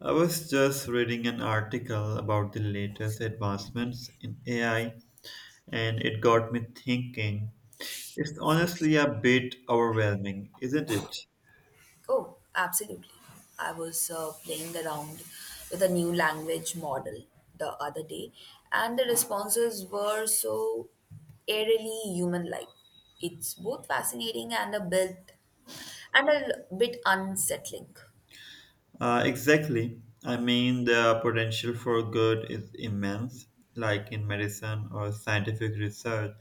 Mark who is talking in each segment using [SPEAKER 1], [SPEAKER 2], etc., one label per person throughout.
[SPEAKER 1] I was just reading an article about the latest advancements in AI, and it got me thinking. It's honestly a bit overwhelming, isn't it?
[SPEAKER 2] Oh, absolutely. I was playing around with a new language model the other day, and the responses were so eerily human like. It's both fascinating and a bit unsettling.
[SPEAKER 1] Exactly. I mean, the potential for good is immense, like in medicine or scientific research.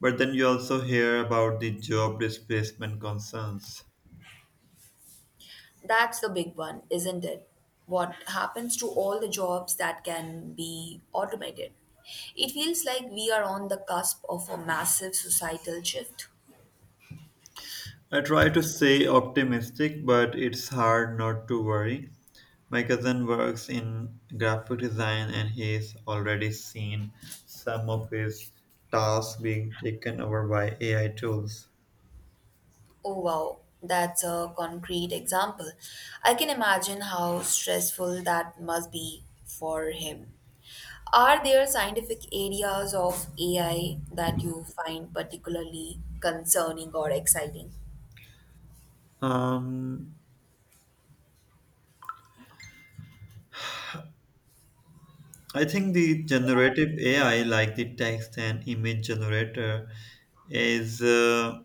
[SPEAKER 1] But then you also hear about the job displacement concerns.
[SPEAKER 2] That's the big one, isn't it? What happens to all the jobs that can be automated? It feels like we are on the cusp of a massive societal shift.
[SPEAKER 1] I try to stay optimistic, but it's hard not to worry. My cousin works in graphic design and he's already seen some of his tasks being taken over by AI tools.
[SPEAKER 2] Oh, wow, that's a concrete example. I can imagine how stressful that must be for him. Are there scientific areas of AI that you find particularly concerning or exciting?
[SPEAKER 1] Um, I think the generative AI, like the text and image generator, is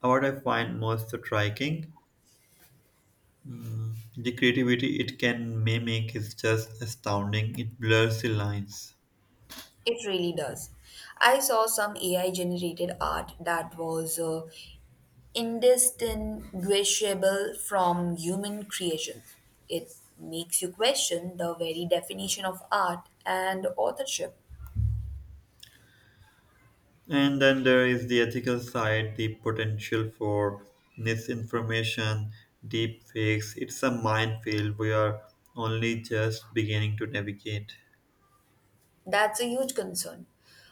[SPEAKER 1] what I find most striking. The creativity it can mimic is just astounding. It blurs the lines.
[SPEAKER 2] It really does. I saw some AI generated art that was indistinguishable from human creation. It makes you question the very definition of art and authorship.
[SPEAKER 1] And then there is the ethical side, the potential for misinformation, deep fakes. It's a minefield we are only just beginning to navigate.
[SPEAKER 2] That's a huge concern.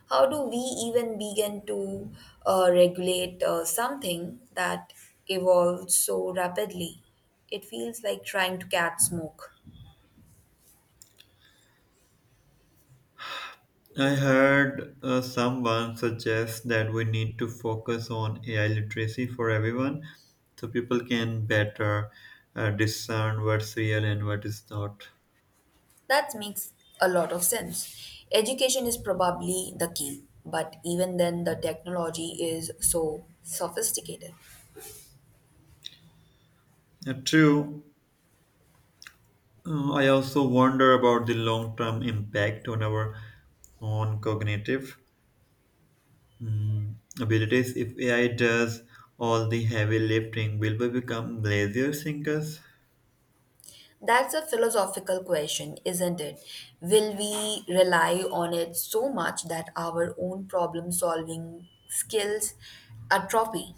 [SPEAKER 2] How do we even begin to regulate something that evolves so rapidly? It feels like trying to catch smoke.
[SPEAKER 1] I heard someone suggest that we need to focus on AI literacy for everyone so people can better discern what's real and what is not.
[SPEAKER 2] That makes a lot of sense. Education is probably the key, but even then, the technology is so sophisticated.
[SPEAKER 1] True. I also wonder about the long term impact on our on cognitive abilities. If AI does all the heavy lifting, will we become lazier thinkers?
[SPEAKER 2] That's a philosophical question, isn't it? Will we rely on it so much that our own problem solving skills atrophy?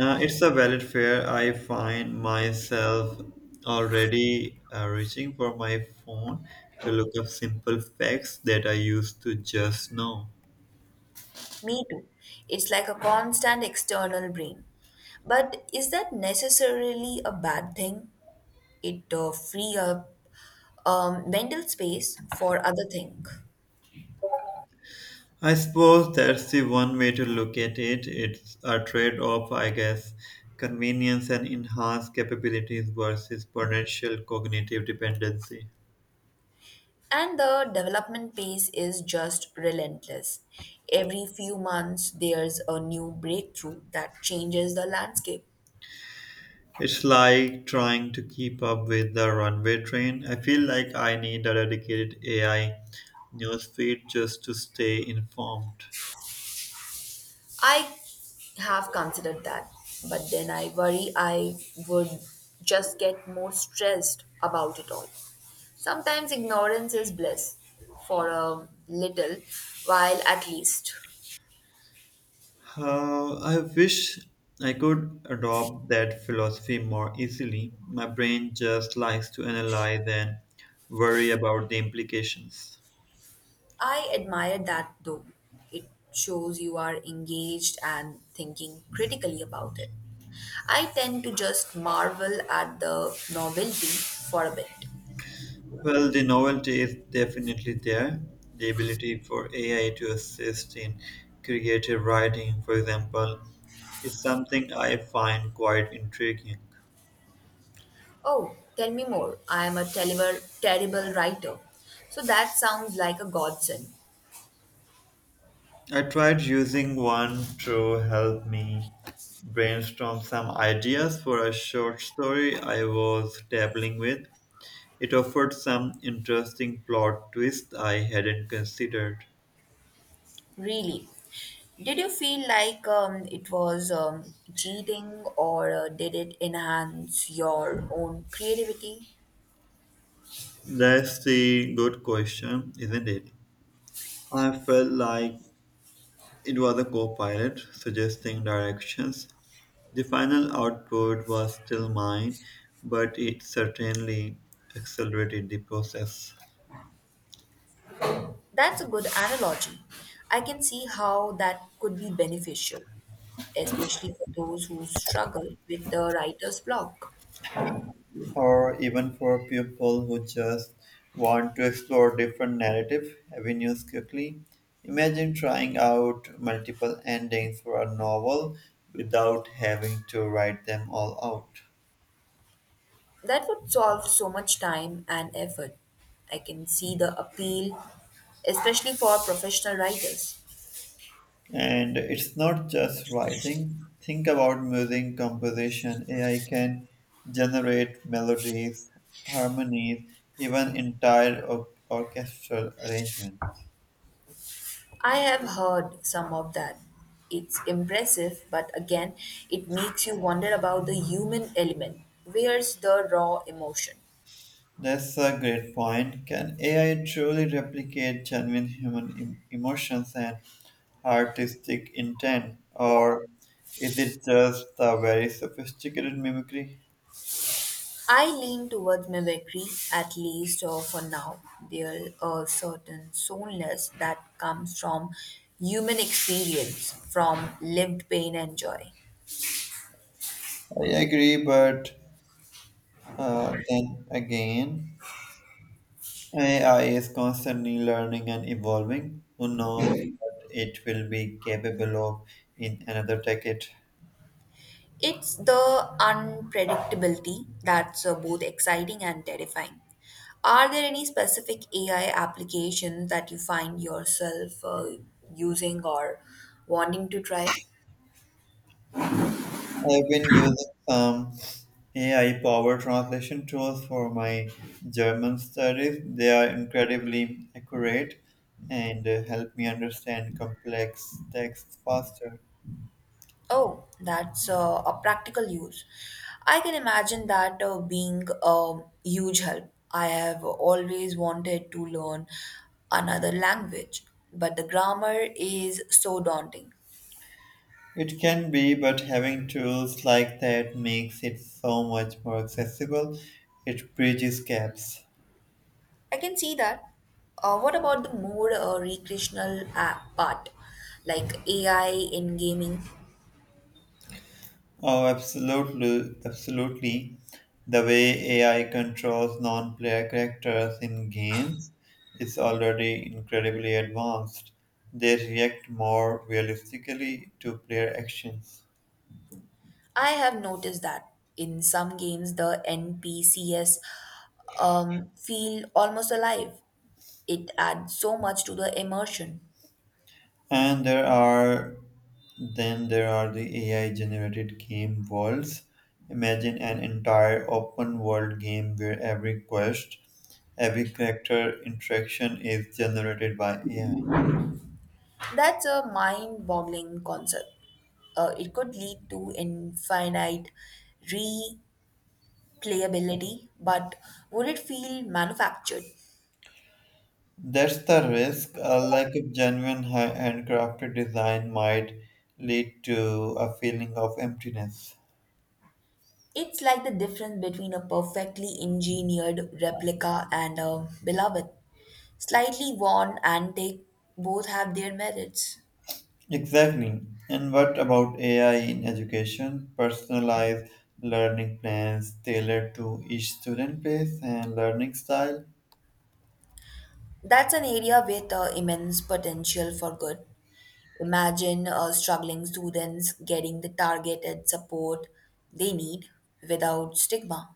[SPEAKER 1] It's a valid fear. I find myself already reaching for my phone to look up simple facts that I used to just know.
[SPEAKER 2] Me too. It's like a constant external brain. But is that necessarily a bad thing? It free up mental space for other things.
[SPEAKER 1] I suppose that's the one way to look at it. It's a trade off, I guess. Convenience and enhanced capabilities versus potential cognitive dependency.
[SPEAKER 2] And the development pace is just relentless. Every few months, there's a new breakthrough that changes the landscape.
[SPEAKER 1] It's like trying to keep up with the runway train. I feel like I need a dedicated AI newsfeed just to stay informed.
[SPEAKER 2] I have considered that, but then I worry I would just get more stressed about it all. Sometimes ignorance is bliss for a little while at least.
[SPEAKER 1] I wish I could adopt that philosophy more easily. My brain just likes to analyze and worry about the implications.
[SPEAKER 2] I admire that though. It shows you are engaged and thinking critically about it. I tend to just marvel at the novelty for a bit.
[SPEAKER 1] Well, the novelty is definitely there. The ability for AI to assist in creative writing, for example, is something I find quite intriguing.
[SPEAKER 2] Oh, tell me more. I am a terrible, terrible writer. So that sounds like a godsend.
[SPEAKER 1] I tried using one to help me brainstorm some ideas for a short story I was dabbling with. It offered some interesting plot twists I hadn't considered.
[SPEAKER 2] Really. Did you feel like it was cheating or did it enhance your own creativity?
[SPEAKER 1] That's the good question, isn't it? I felt like it was a co-pilot suggesting directions. The final output was still mine, but it certainly accelerated the process.
[SPEAKER 2] That's a good analogy. I can see how that could be beneficial, especially for those who struggle with the writer's block.
[SPEAKER 1] Or even for people who just want to explore different narrative avenues quickly, imagine trying out multiple endings for a novel without having to write them all out.
[SPEAKER 2] That would solve so much time and effort. I can see the appeal, especially for professional writers.
[SPEAKER 1] And it's not just writing. Think about music composition. AI can generate melodies, harmonies, even entire orchestral arrangements.
[SPEAKER 2] I have heard some of that. It's impressive, but again, it makes you wonder about the human element. Where's the raw emotion?
[SPEAKER 1] That's a great point. Can AI truly replicate genuine human emotions and artistic intent, or is it just a very sophisticated mimicry?
[SPEAKER 2] I lean towards mimicry, at least for now. There's a certain soulness that comes from human experience, from lived pain and joy.
[SPEAKER 1] I agree, but then again, AI is constantly learning and evolving. Who knows what it will be capable of in another decade?
[SPEAKER 2] It's the unpredictability that's both exciting and terrifying. Are there any specific AI applications that you find yourself using or wanting to try?
[SPEAKER 1] I've been using some AI powered translation tools for my German studies. They are incredibly accurate and help me understand complex texts faster.
[SPEAKER 2] Oh, that's a practical use. I can imagine that being a huge help. I have always wanted to learn another language, but the grammar is so daunting.
[SPEAKER 1] It can be, but having tools like that makes it so much more accessible. It bridges gaps.
[SPEAKER 2] I can see that. What about the more recreational app part, like AI in gaming?
[SPEAKER 1] Oh, absolutely, absolutely. The way AI controls non-player characters in games is already incredibly advanced. They react more realistically to player actions.
[SPEAKER 2] I have noticed that in some games the NPCs feel almost alive. It adds so much to the immersion.
[SPEAKER 1] And there are then there are the AI-generated game worlds. Imagine an entire open-world game where every quest, every character interaction is generated by AI.
[SPEAKER 2] That's a mind-boggling concept. It could lead to infinite replayability, but would it feel manufactured?
[SPEAKER 1] That's the risk. A lack of genuine handcrafted design might lead to a feeling of emptiness.
[SPEAKER 2] It's like the difference between a perfectly engineered replica and a beloved, slightly worn antique. Both have their merits.
[SPEAKER 1] Exactly. And what about AI in education? Personalized learning plans tailored to each student pace and learning style,
[SPEAKER 2] That's an area with immense potential for good. Imagine struggling students getting the targeted support they need without stigma.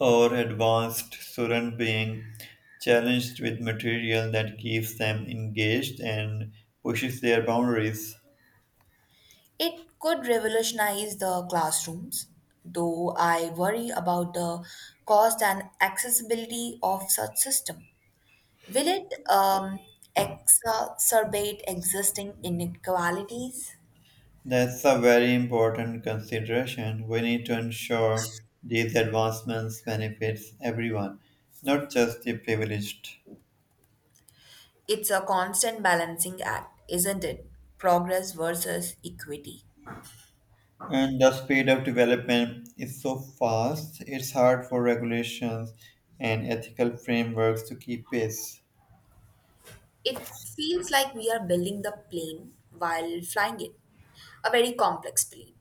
[SPEAKER 1] or advanced student being challenged with material that keeps them engaged and pushes their boundaries.
[SPEAKER 2] It could revolutionize the classrooms, though I worry about the cost and accessibility of such system. Will it exacerbate existing inequalities?
[SPEAKER 1] That's a very important consideration. We need to ensure these advancements benefits everyone, not just the privileged.
[SPEAKER 2] It's a constant balancing act, isn't it? Progress versus equity.
[SPEAKER 1] And the speed of development is so fast, it's hard for regulations and ethical frameworks to keep pace.
[SPEAKER 2] It feels like we are building the plane while flying it, a very complex plane.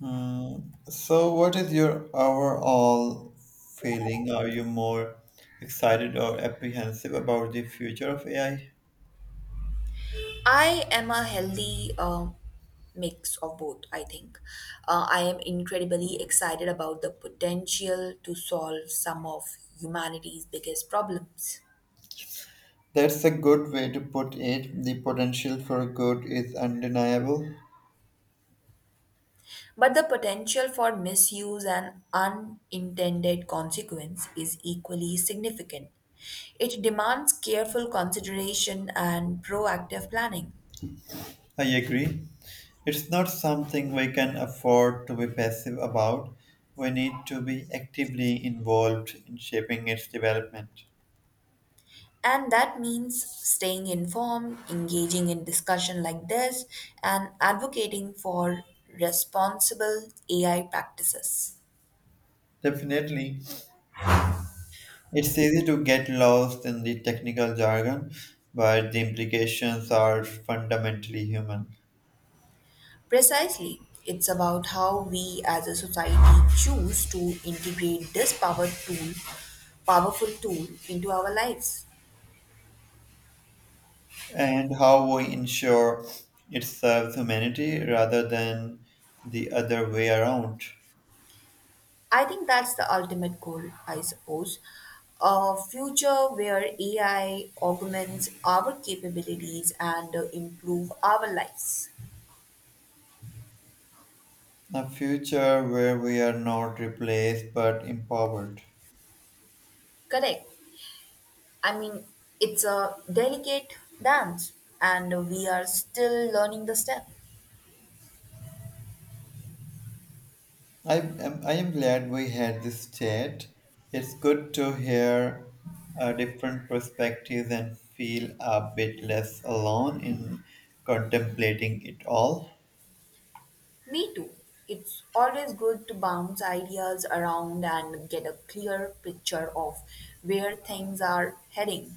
[SPEAKER 1] Hmm. So, what is your overall feeling? Are you more excited or apprehensive about the future of AI?
[SPEAKER 2] I am a healthy mix of both, I think. I am incredibly excited about the potential to solve some of humanity's biggest problems.
[SPEAKER 1] That's a good way to put it. The potential for good is undeniable.
[SPEAKER 2] But the potential for misuse and unintended consequence is equally significant. It demands careful consideration and proactive planning.
[SPEAKER 1] I agree. It's not something we can afford to be passive about. We need to be actively involved in shaping its development.
[SPEAKER 2] And that means staying informed, engaging in discussion like this, and advocating for responsible AI practices.
[SPEAKER 1] Definitely. It's easy to get lost in the technical jargon, but the implications are fundamentally human.
[SPEAKER 2] Precisely, it's about how we as a society choose to integrate this powerful tool into our lives.
[SPEAKER 1] And how we ensure it serves humanity rather than the other way around.
[SPEAKER 2] I think that's the ultimate goal, I suppose. A future where AI augments our capabilities and improve our lives.
[SPEAKER 1] A future where we are not replaced but empowered.
[SPEAKER 2] Correct. I mean, it's a delicate dance and we are still learning the step.
[SPEAKER 1] I am glad we had this chat. It's good to hear different perspectives and feel a bit less alone in contemplating it all.
[SPEAKER 2] Me too. It's always good to bounce ideas around and get a clear picture of where things are heading.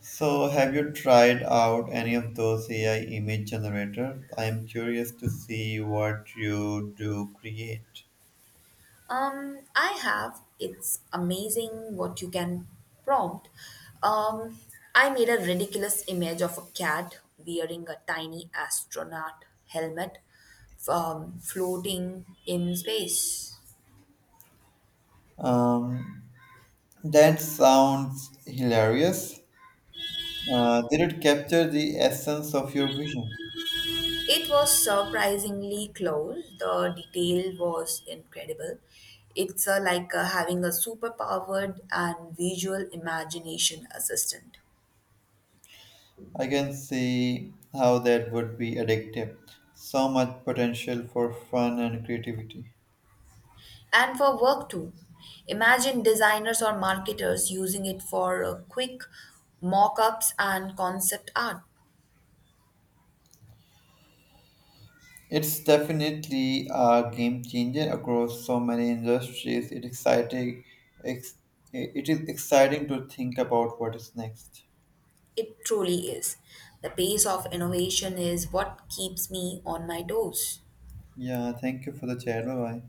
[SPEAKER 1] So, have you tried out any of those AI image generators? I am curious to see what you do create.
[SPEAKER 2] I have. It's amazing what you can prompt. Um, I made a ridiculous image of a cat wearing a tiny astronaut helmet, floating in space.
[SPEAKER 1] Um, that sounds hilarious. Did it capture the essence of your vision?
[SPEAKER 2] It was surprisingly close. The detail was incredible. It's like having a superpowered and visual imagination assistant.
[SPEAKER 1] I can see how that would be addictive. So much potential for fun and creativity.
[SPEAKER 2] And for work too. Imagine designers or marketers using it for quick mock ups and concept art.
[SPEAKER 1] It's definitely a game changer across so many industries. It exciting. Ex- it is exciting to think about what is next.
[SPEAKER 2] It truly is. The pace of innovation is what keeps me on my toes.
[SPEAKER 1] Yeah, thank you for the chat. Bye bye.